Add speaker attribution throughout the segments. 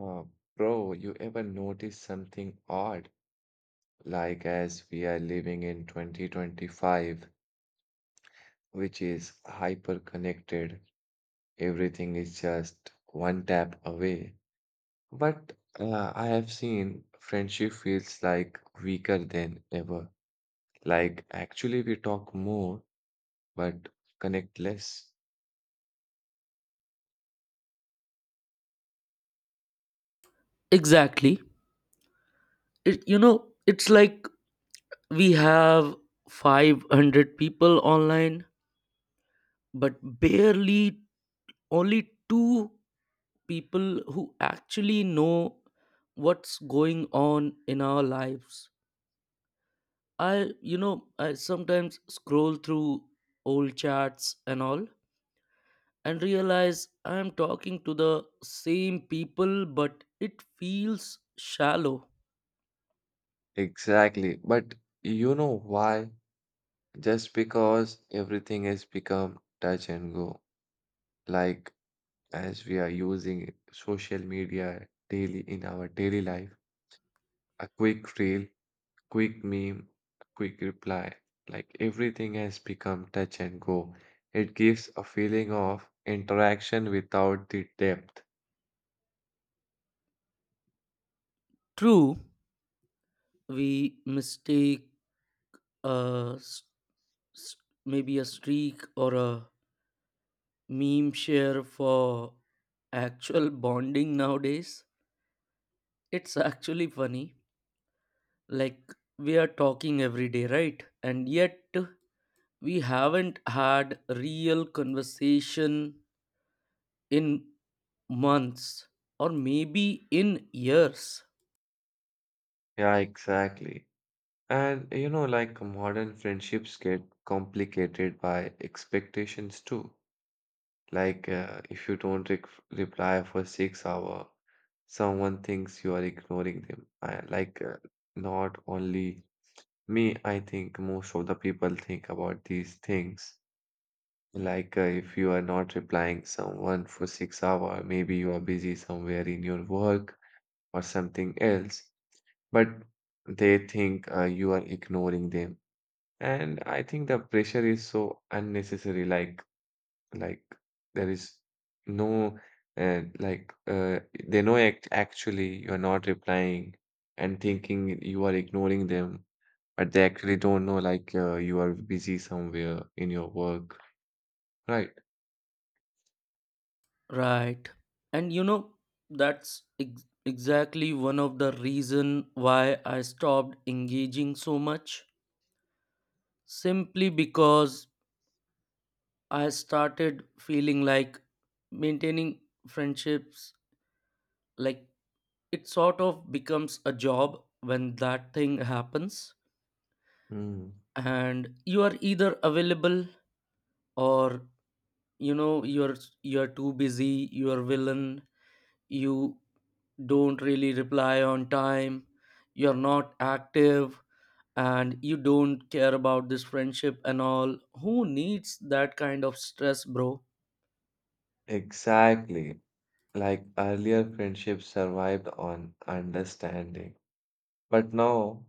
Speaker 1: Uh, Bro, you ever notice something odd? Like as we are living in 2025, which is hyper connected, everything is just one tap away. But I have seen friendship feels like weaker than ever. Like actually we talk more, but connect less.
Speaker 2: Exactly. It's like we have 500 people online, but barely only two people who actually know what's going on in our lives. I sometimes scroll through old chats and all and realize I'm talking to the same people, but it feels shallow.
Speaker 1: Exactly. But you know why? Just because everything has become touch and go. Like as we are using social media daily in our daily life. A quick reel, quick meme, a quick reply, like everything has become touch and go. It gives a feeling of interaction without the depth.
Speaker 2: True, we mistake uh, s- maybe a streak or a meme share for actual bonding nowadays. It's actually funny. Like, we are talking every day, right? And yet, we haven't had real conversation in months or maybe in years,
Speaker 1: Yeah, exactly. And you know, like modern friendships get complicated by expectations too. Like, if you don't re reply for 6 hour, someone thinks you are ignoring them. I, not only me, I think most of the people think about these things. Like, if you are not replying someone for 6 hour, maybe you are busy somewhere in your work or something else, but they think you are ignoring them. And I think the pressure is so unnecessary. Like, there is no uh, like uh, they know act actually you're not replying and thinking you are ignoring them, but they actually don't know like you are busy somewhere in your work, right?
Speaker 2: right? And you know, that's exactly one of the reason why I stopped engaging so much simply because I started feeling like maintaining friendships, like it sort of becomes a job when that thing happens.
Speaker 1: Mm.
Speaker 2: And you are either available or, you know, you're too busy, you're villain, you don't really reply on time, you're not active, and you don't care about this friendship and all. Who needs that kind of stress, bro?
Speaker 1: Exactly. Like earlier friendships survived on understanding, but now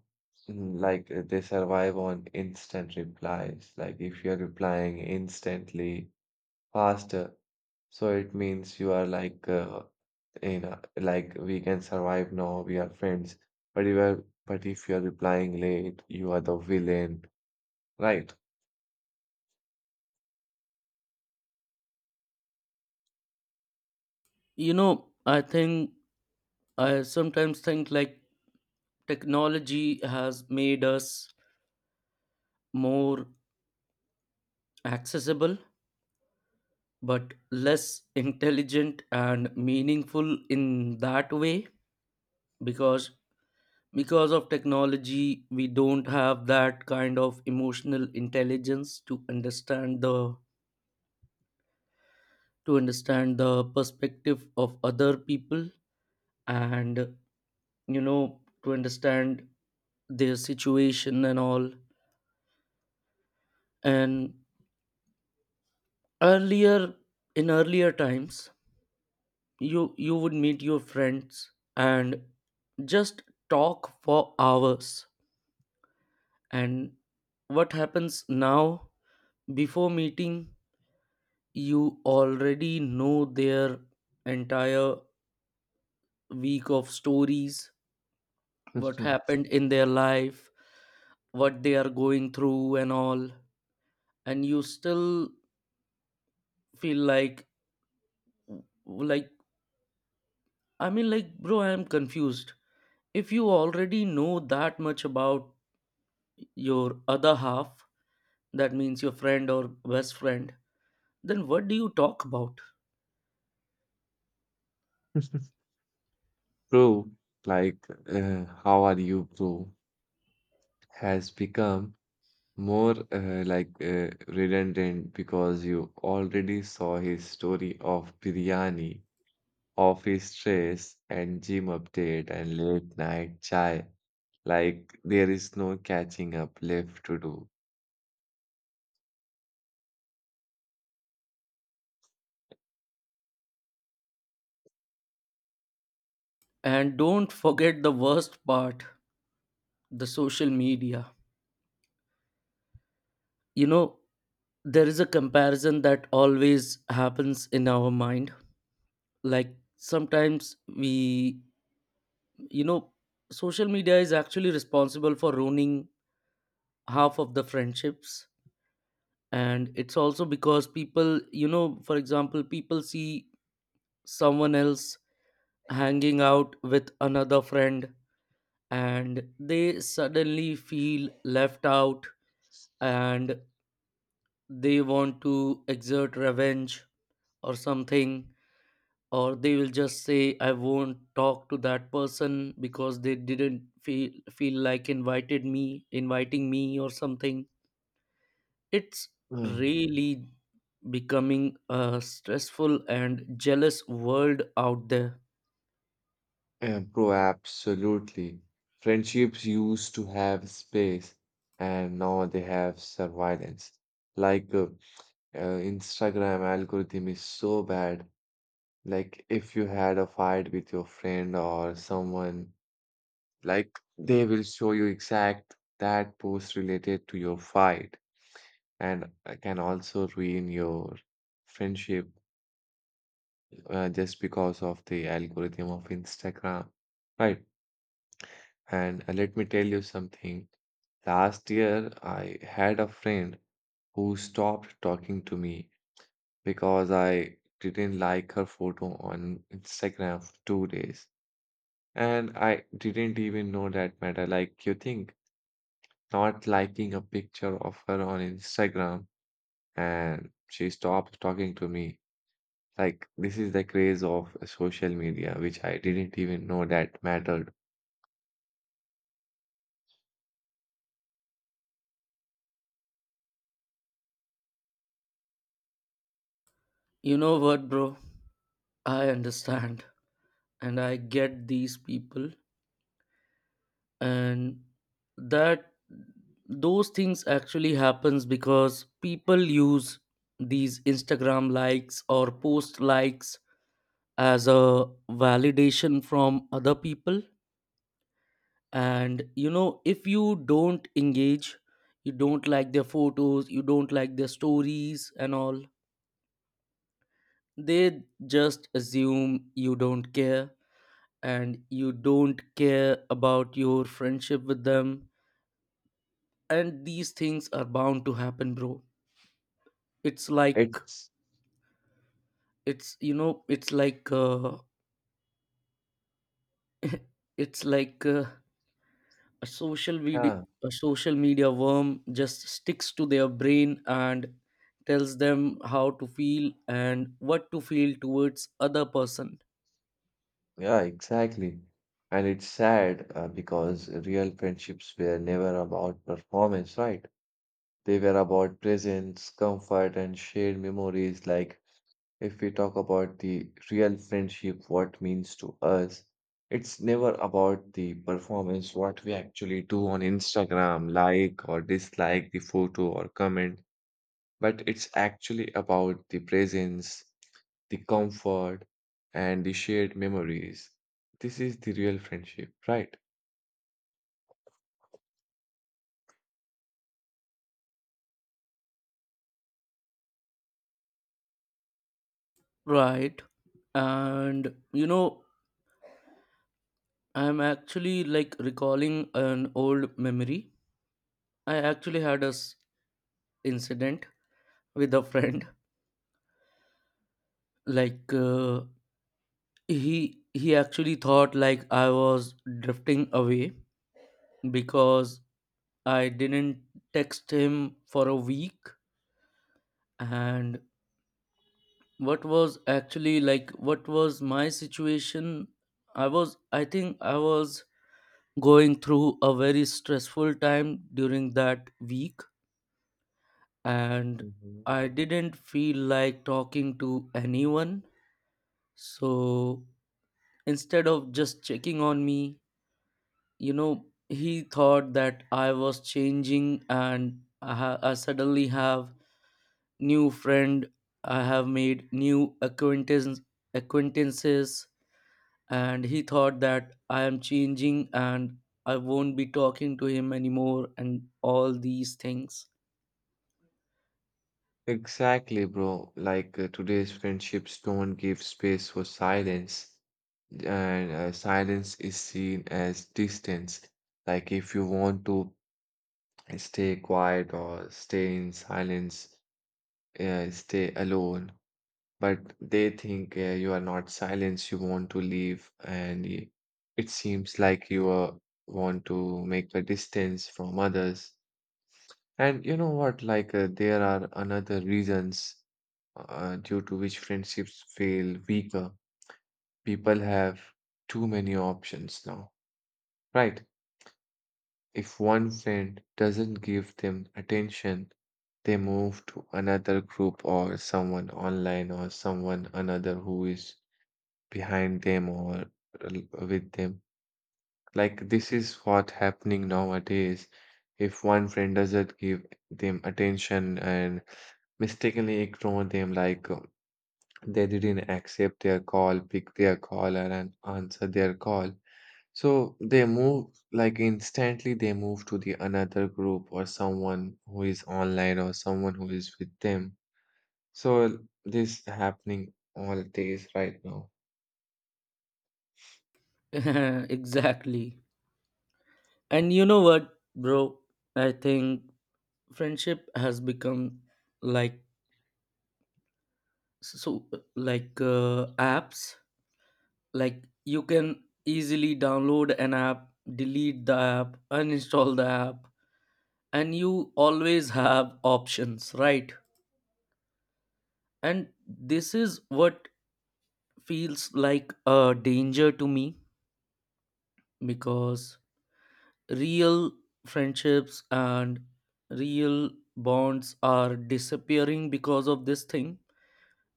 Speaker 1: like they survive on instant replies. Like if you're replying instantly faster. So it means you are like, you know, like we can survive now, we are friends. But if you are replying late, you are the villain, right?
Speaker 2: You know, I think I sometimes think like technology has made us more accessible, but less intelligent and meaningful in that way because because of technology we don't have that kind of emotional intelligence to understand the perspective of other people, and you know, to understand their situation and all. And earlier, in earlier times, you would meet your friends and just talk for hours. And what happens now? Before meeting, you already know their entire week of stories, what happened in their life, what they are going through and all. And you still feel like, I mean, like, bro, I am confused. If you already know that much about your other half, that means your friend or best friend, then what do you talk about?
Speaker 1: Proof, like, how are you, proof, has become more redundant because you already saw his story of biryani, office stress, and gym update and late night chai. Like there is no catching up left to do.
Speaker 2: And don't forget the worst part, the social media. You know, there is a comparison that always happens in our mind. Like sometimes we, you know, social media is actually responsible for ruining half of the friendships. And it's also because people, you know, for example, people see someone else hanging out with another friend and they suddenly feel left out, and they want to exert revenge or something, or they will just say I won't talk to that person because they didn't feel like invited me inviting me or something. It's
Speaker 1: Mm,
Speaker 2: really becoming a stressful and jealous world out there.
Speaker 1: yeah, bro, absolutely. Friendships used to have space and now they have surveillance. Like Instagram algorithm is so bad. Like if you had a fight with your friend or someone, like they will show you exact that post related to your fight and can also ruin your friendship just because of the algorithm of Instagram, right? And let me tell you something. Last year, I had a friend who stopped talking to me because I didn't like her photo on Instagram for 2 days. And I didn't even know that matter. Like, you think not liking a picture of her on Instagram, and she stopped talking to me. Like, this is the craze of social media, which I didn't even know that mattered.
Speaker 2: You know what, bro, I understand and I get these people. And that, those things actually happens because people use these Instagram likes or post likes as a validation from other people. And you know, if you don't engage, you don't like their photos, you don't like their stories and all, they just assume you don't care and you don't care about your friendship with them. And these things are bound to happen, bro. it's like
Speaker 1: It's,
Speaker 2: it's you know, it's like it's like a social video
Speaker 1: yeah,
Speaker 2: a social media worm just sticks to their brain and tells them how to feel and what to feel towards other person,
Speaker 1: yeah, exactly. And it's sad because real friendships were never about performance, right? They were about presence, comfort, and shared memories. Like, if we talk about the real friendship, what means to us, it's never about the performance, what we actually do on Instagram, like or dislike the photo or comment. But it's actually about the presence, the comfort, and the shared memories. This is the real friendship, right?
Speaker 2: right? And you know, I'm actually like recalling an old memory. I actually had a incident with a friend. Like, he actually thought like I was drifting away because I didn't text him for a week. And what was actually like, what was my situation? I think I was going through a very stressful time during that week. And
Speaker 1: Hmm.
Speaker 2: I didn't feel like talking to anyone. So instead of just checking on me, you know, he thought that I was changing and I suddenly have new friend. I have made new acquaintances. And he thought that I am changing and I won't be talking to him anymore and all these things.
Speaker 1: Exactly, bro. Like today's friendships don't give space for silence, and silence is seen as distance. Like if you want to stay quiet or stay in silence, stay alone. But they think you are not silenced, you want to leave, and it seems like you are, want to make a distance from others. And you know what? Like, there are another reasons due to which friendships feel weaker. People have too many options now, right? If one friend doesn't give them attention, they move to another group or someone online or someone another who is behind them or with them. Like this is what happening nowadays. If one friend doesn't give them attention and mistakenly ignore them, like they didn't accept their call, pick their call and answer their call. So they move like instantly they move to the another group or someone who is online or someone who is with them. So this happening all days right now.
Speaker 2: Exactly. And you know what, bro, I think friendship has become like, so, like, apps. Like you can easily download an app, delete the app uninstall the app, and you always have options, right? And this is what feels like a danger to me, because real friendships and real bonds are disappearing because of this thing,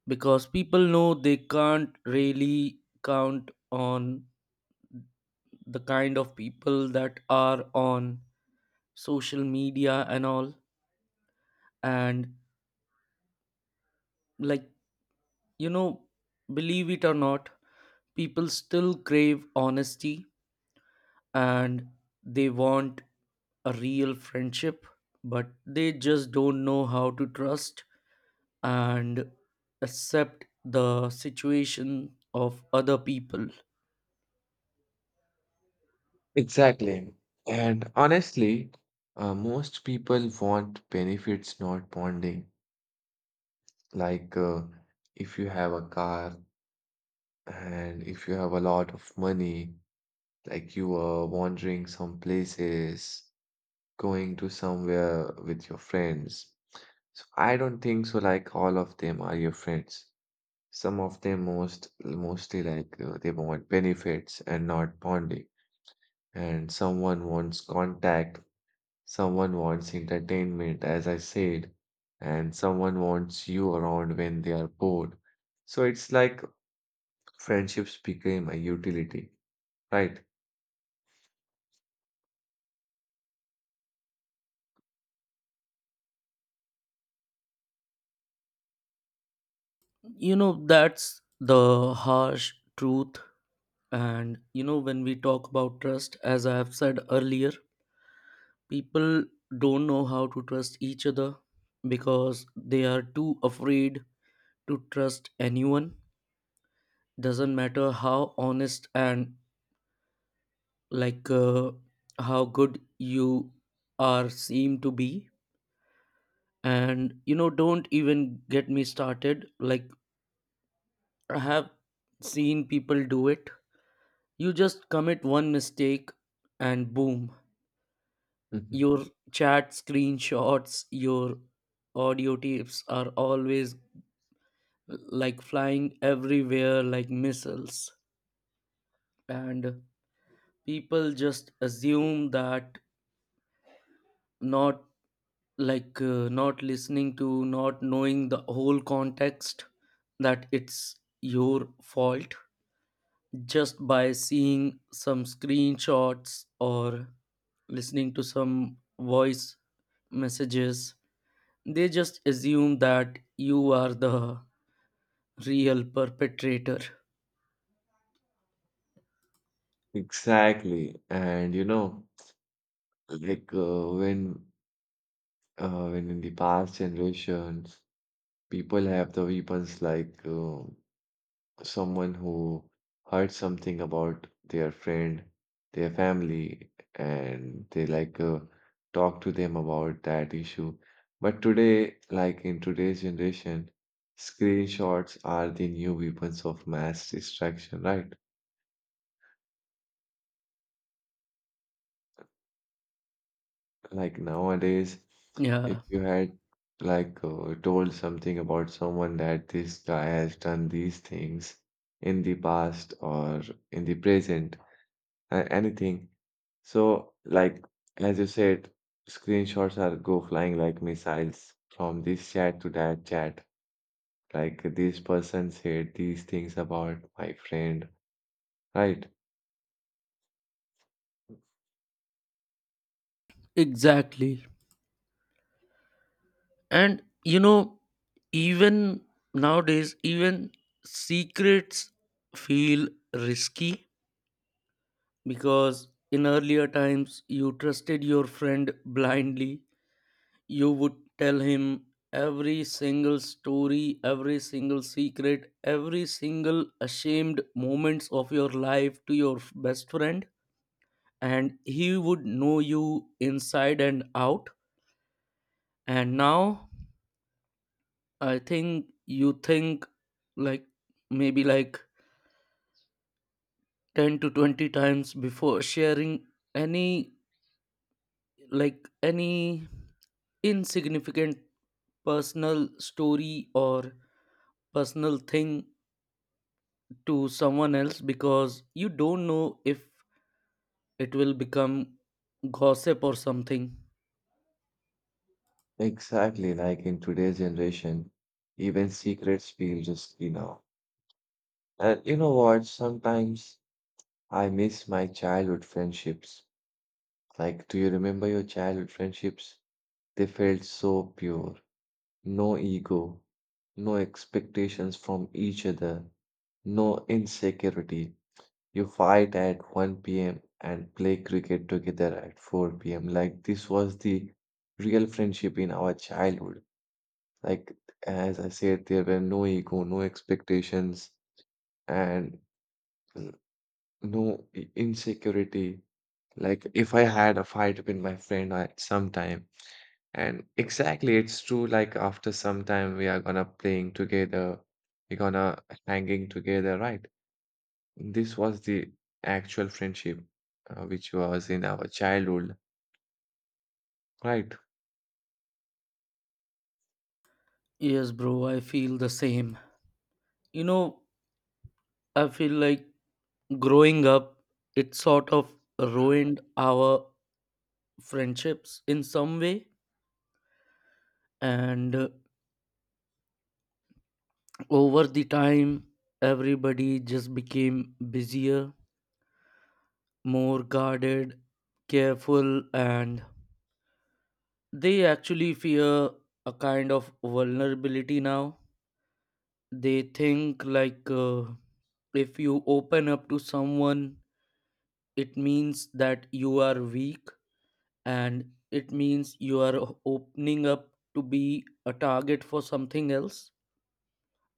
Speaker 2: because people know they can't really count on the kind of people that are on social media and all. And like, you know, believe it or not, people still crave honesty, and they want a real friendship, but they just don't know how to trust and accept the situation of other people.
Speaker 1: Exactly. And honestly, most people want benefits, not bonding. Like, if you have a car and if you have a lot of money, like you are wandering some places, going to somewhere with your friends. So I don't think so. Like all of them are your friends. Some of them mostly like they want benefits and not bonding. And someone wants contact. Someone wants entertainment, as I said, and someone wants you around when they are bored. So it's like friendships became a utility, right?
Speaker 2: You know, that's the harsh truth. And you know, when we talk about trust, as I have said earlier, people don't know how to trust each other because they are too afraid to trust anyone, doesn't matter how honest and like uh, how good you are seem to be. And you know, don't even get me started, like, I have seen people do it. You just commit one mistake and boom,
Speaker 1: Mhm.
Speaker 2: your chat screenshots, your audio tapes are always like flying everywhere like missiles. And people just assume that, not not listening to, not knowing the whole context, that it's your fault, just by seeing some screenshots or listening to some voice messages. They just assume that you are the real perpetrator.
Speaker 1: Exactly. And you know, like when in the past generations, people have the weapons like someone who heard something about their friend, their family, and they like talk to them about that issue. But today, like in today's generation, screenshots are the new weapons of mass distraction, right? Like nowadays, if
Speaker 2: Yeah,
Speaker 1: you had like told something about someone that this guy has done these things in the past or in the present, anything. So, like, as you said, screenshots are go flying like missiles from this chat to that chat. Like, this person said these things about my friend, right?
Speaker 2: exactly. And you know, even nowadays, even secrets feel risky, because in earlier times, you trusted your friend blindly. You would tell him every single story, every single secret, every single ashamed moments of your life to your best friend, and he would know you inside and out. And now I think you think like maybe like 10 to 20 times before sharing any, like any insignificant personal story or personal thing to someone else, because you don't know if it will become gossip or something.
Speaker 1: Exactly, like in today's generation, even secrets feel risky now. And you know what? Sometimes I miss my childhood friendships. Like, do you remember your childhood friendships? They felt so pure. No ego, no expectations from each other, no insecurity. You fight at 1 p.m. and play cricket together at 4 p.m. Like this was the real friendship in our childhood. Like as I said, there were no ego, no expectations, and n- no insecurity. Like if I had a fight with my friend at some time, and exactly it's true, like after some time we are gonna playing together, we're gonna hanging together, right? This was the actual friendship which was in our childhood, right?
Speaker 2: Yes, bro, I feel the same. You know, I feel like growing up, it sort of ruined our friendships in some way. And over the time, everybody just became busier, more guarded, careful, and they actually fear a kind of vulnerability now. They think like if you open up to someone, it means that you are weak, and it means you are opening up to be a target for something else.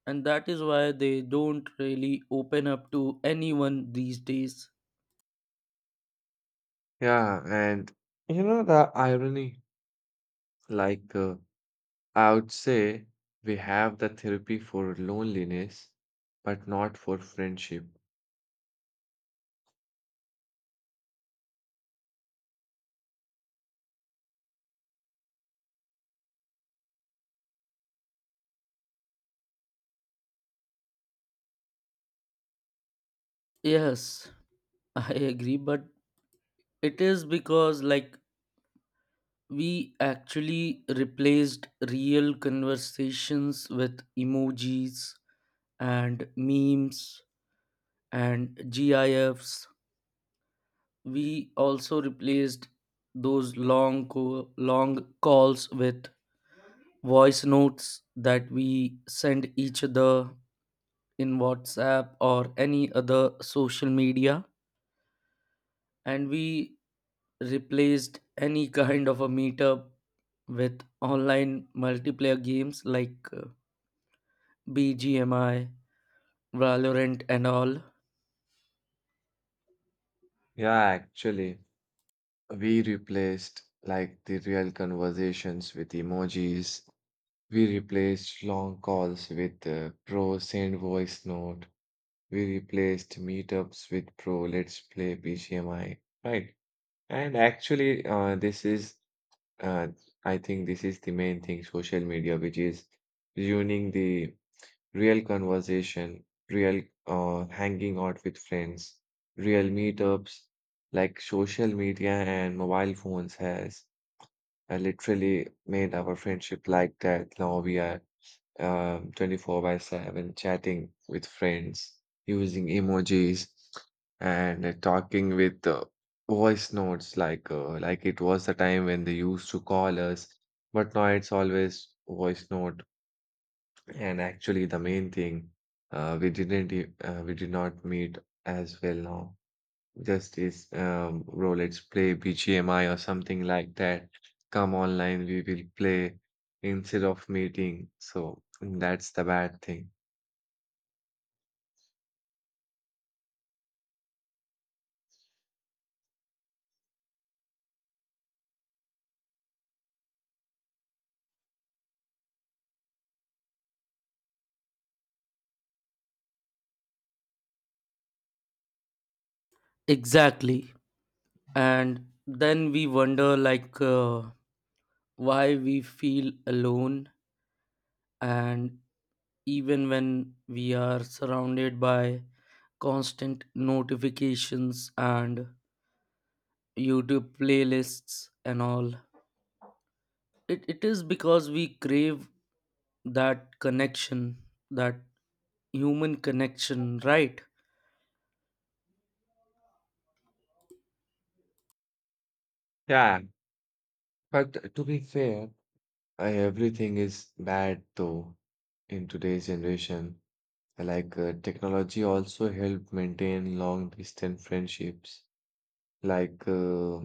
Speaker 2: And that is why they don't really open up to anyone these days.
Speaker 1: Yeah, and you know the irony, like I would say we have the therapy for loneliness, but not for friendship.
Speaker 2: Yes, I agree, but it is because, like, we actually replaced real conversations with emojis and memes and GIFs. We also replaced those long calls with voice notes that we send each other in WhatsApp or any other social media, and we replaced any kind of a meetup with online multiplayer games like BGMI, Valorant, and all.
Speaker 1: Yeah, actually. We replaced like the real conversations with emojis. We replaced long calls with pro send voice note. We replaced meetups with pro let's play BGMI. Right. And actually, uh, I think this is the main thing social media, which is ruining the real conversation, real hanging out with friends, real meetups like social media and mobile phones has I literally made our friendship like that. Now we are 24 by 7 chatting with friends, using emojis, and talking with voice notes like it was the time when they used to call us. But now it's always voice note. And actually, the main thing, we did not meet as well now. Just Justice bro, let's play BGMI or something like that. Come online, we will play instead of meeting. So that's the bad thing.
Speaker 2: Exactly. And then we wonder, like, why we feel alone, and even when we are surrounded by constant notifications and YouTube playlists and all. It is because we crave that connection, that human connection, right?
Speaker 1: Yeah, but to be fair, everything is bad though in today's generation. Like technology also help maintain long distance friendships. Like uh,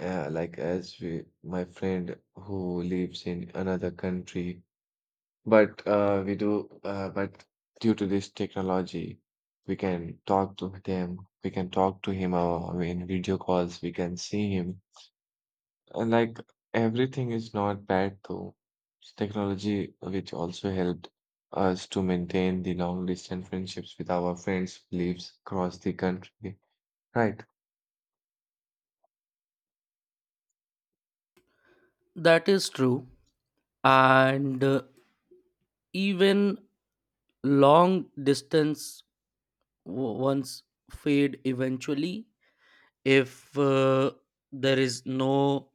Speaker 1: like my friend who lives in another country. But but due to this technology, we can talk to them. We can talk to him. I mean, video calls. We can see him. And like everything is not bad though. It's technology which also helped us to maintain the long distance friendships with our friends lives across the country. Right.
Speaker 2: That is true. And even long distance ones fade eventually if there is no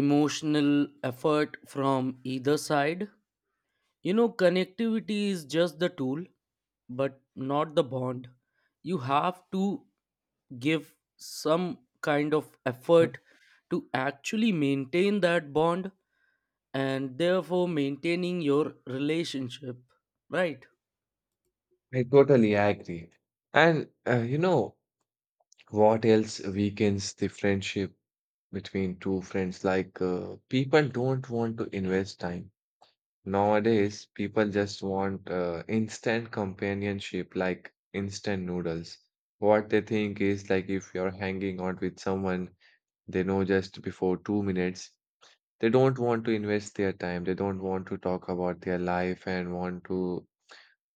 Speaker 2: emotional effort from either side. You know, connectivity is just the tool, but not the bond. You have to give some kind of
Speaker 1: Mm.
Speaker 2: effort to actually maintain that bond, and therefore maintaining your relationship, right?
Speaker 1: I totally agree. And you know. What else weakens the friendship between two friends? Like, people don't want to invest time. Nowadays, people just want instant companionship, like instant noodles. What they think is like if you're hanging out with someone they know just before 2 minutes, they don't want to invest their time. They don't want to talk about their life and want to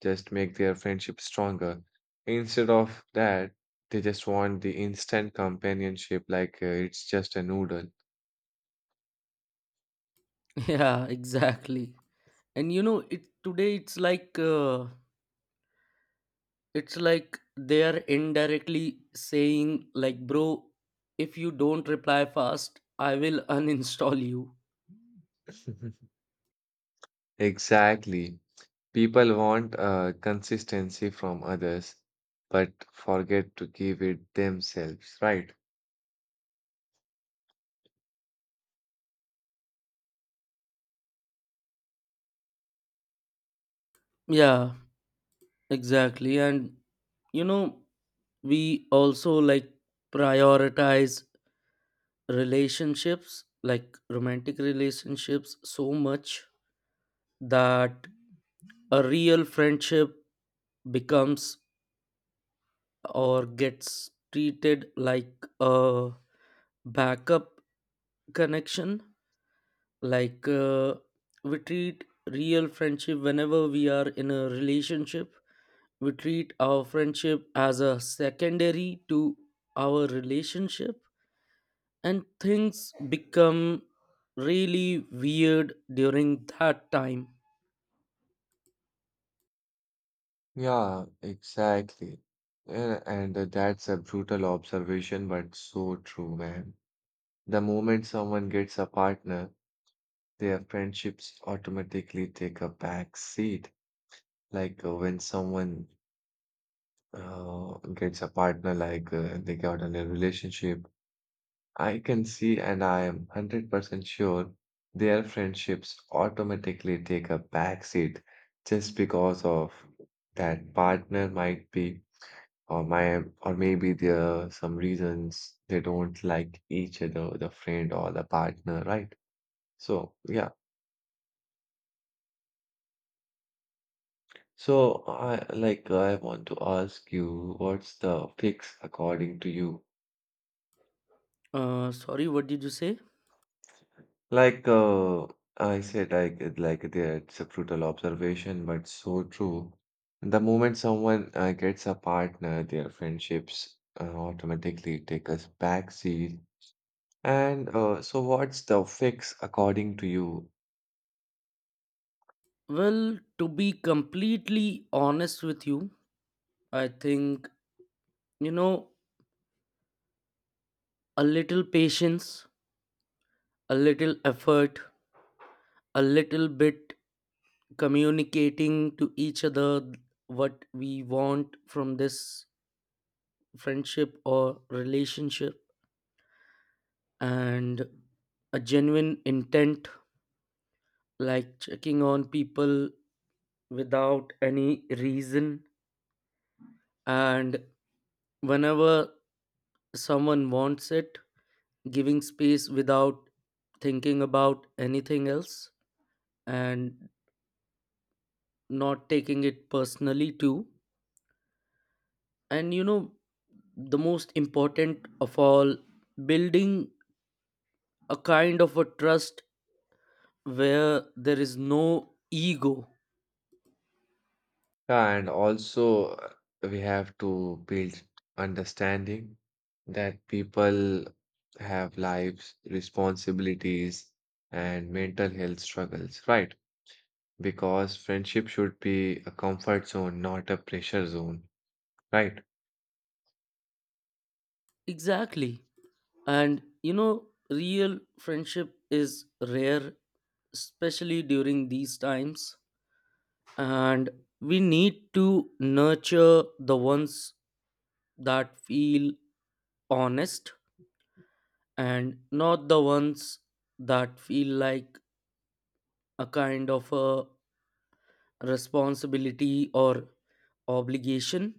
Speaker 1: just make their friendship stronger. Instead of that, they just want the instant companionship like it's just a noodle.
Speaker 2: Yeah, exactly. And you know, it today it's like it's like they are indirectly saying like, bro, if you don't reply fast, I will uninstall you.
Speaker 1: Exactly. People want consistency from others, but forget to give it themselves, right?
Speaker 2: Yeah. Exactly. And, you know, we also like prioritize relationships, like romantic relationships, so much that a real friendship becomes or gets treated like a backup connection. Like, we treat real friendship whenever we are in a relationship, we treat our friendship as a secondary to our relationship, and things become really weird during that time.
Speaker 1: Yeah, exactly. Yeah, and that's a brutal observation, but so true, man. The moment someone gets a partner, their friendships automatically take a back seat. Like when someone gets a partner, like they got in a relationship, I can see and I am 100% sure their friendships automatically take a backseat just because of that partner might be or my or maybe there are some reasons they don't like each other, the friend or the partner, right? So yeah. So I want to ask you, what's the fix according to you?
Speaker 2: Sorry, what did you say?
Speaker 1: Like I said, there, it's a brutal observation, but so true. The moment someone gets a partner, their friendships automatically take us backseat. And so, what's the fix according to you?
Speaker 2: Well, to be completely honest with you, I think, you know, a little patience, a little effort, a little bit communicating to each other what we want from this friendship or relationship, and a genuine intent, like checking on people without any reason, and whenever someone wants it, giving space without thinking about anything else, and not taking it personally too. And you know, the most important of all, building a kind of a trust where there is no ego.
Speaker 1: Yeah, and also, we have to build understanding that people have lives, responsibilities, and mental health struggles, right? Because friendship should be a comfort zone, not a pressure zone, right?
Speaker 2: Exactly. And you know, real friendship is rare, especially during these times. And we need to nurture the ones that feel honest and not the ones that feel like a kind of a responsibility or obligation.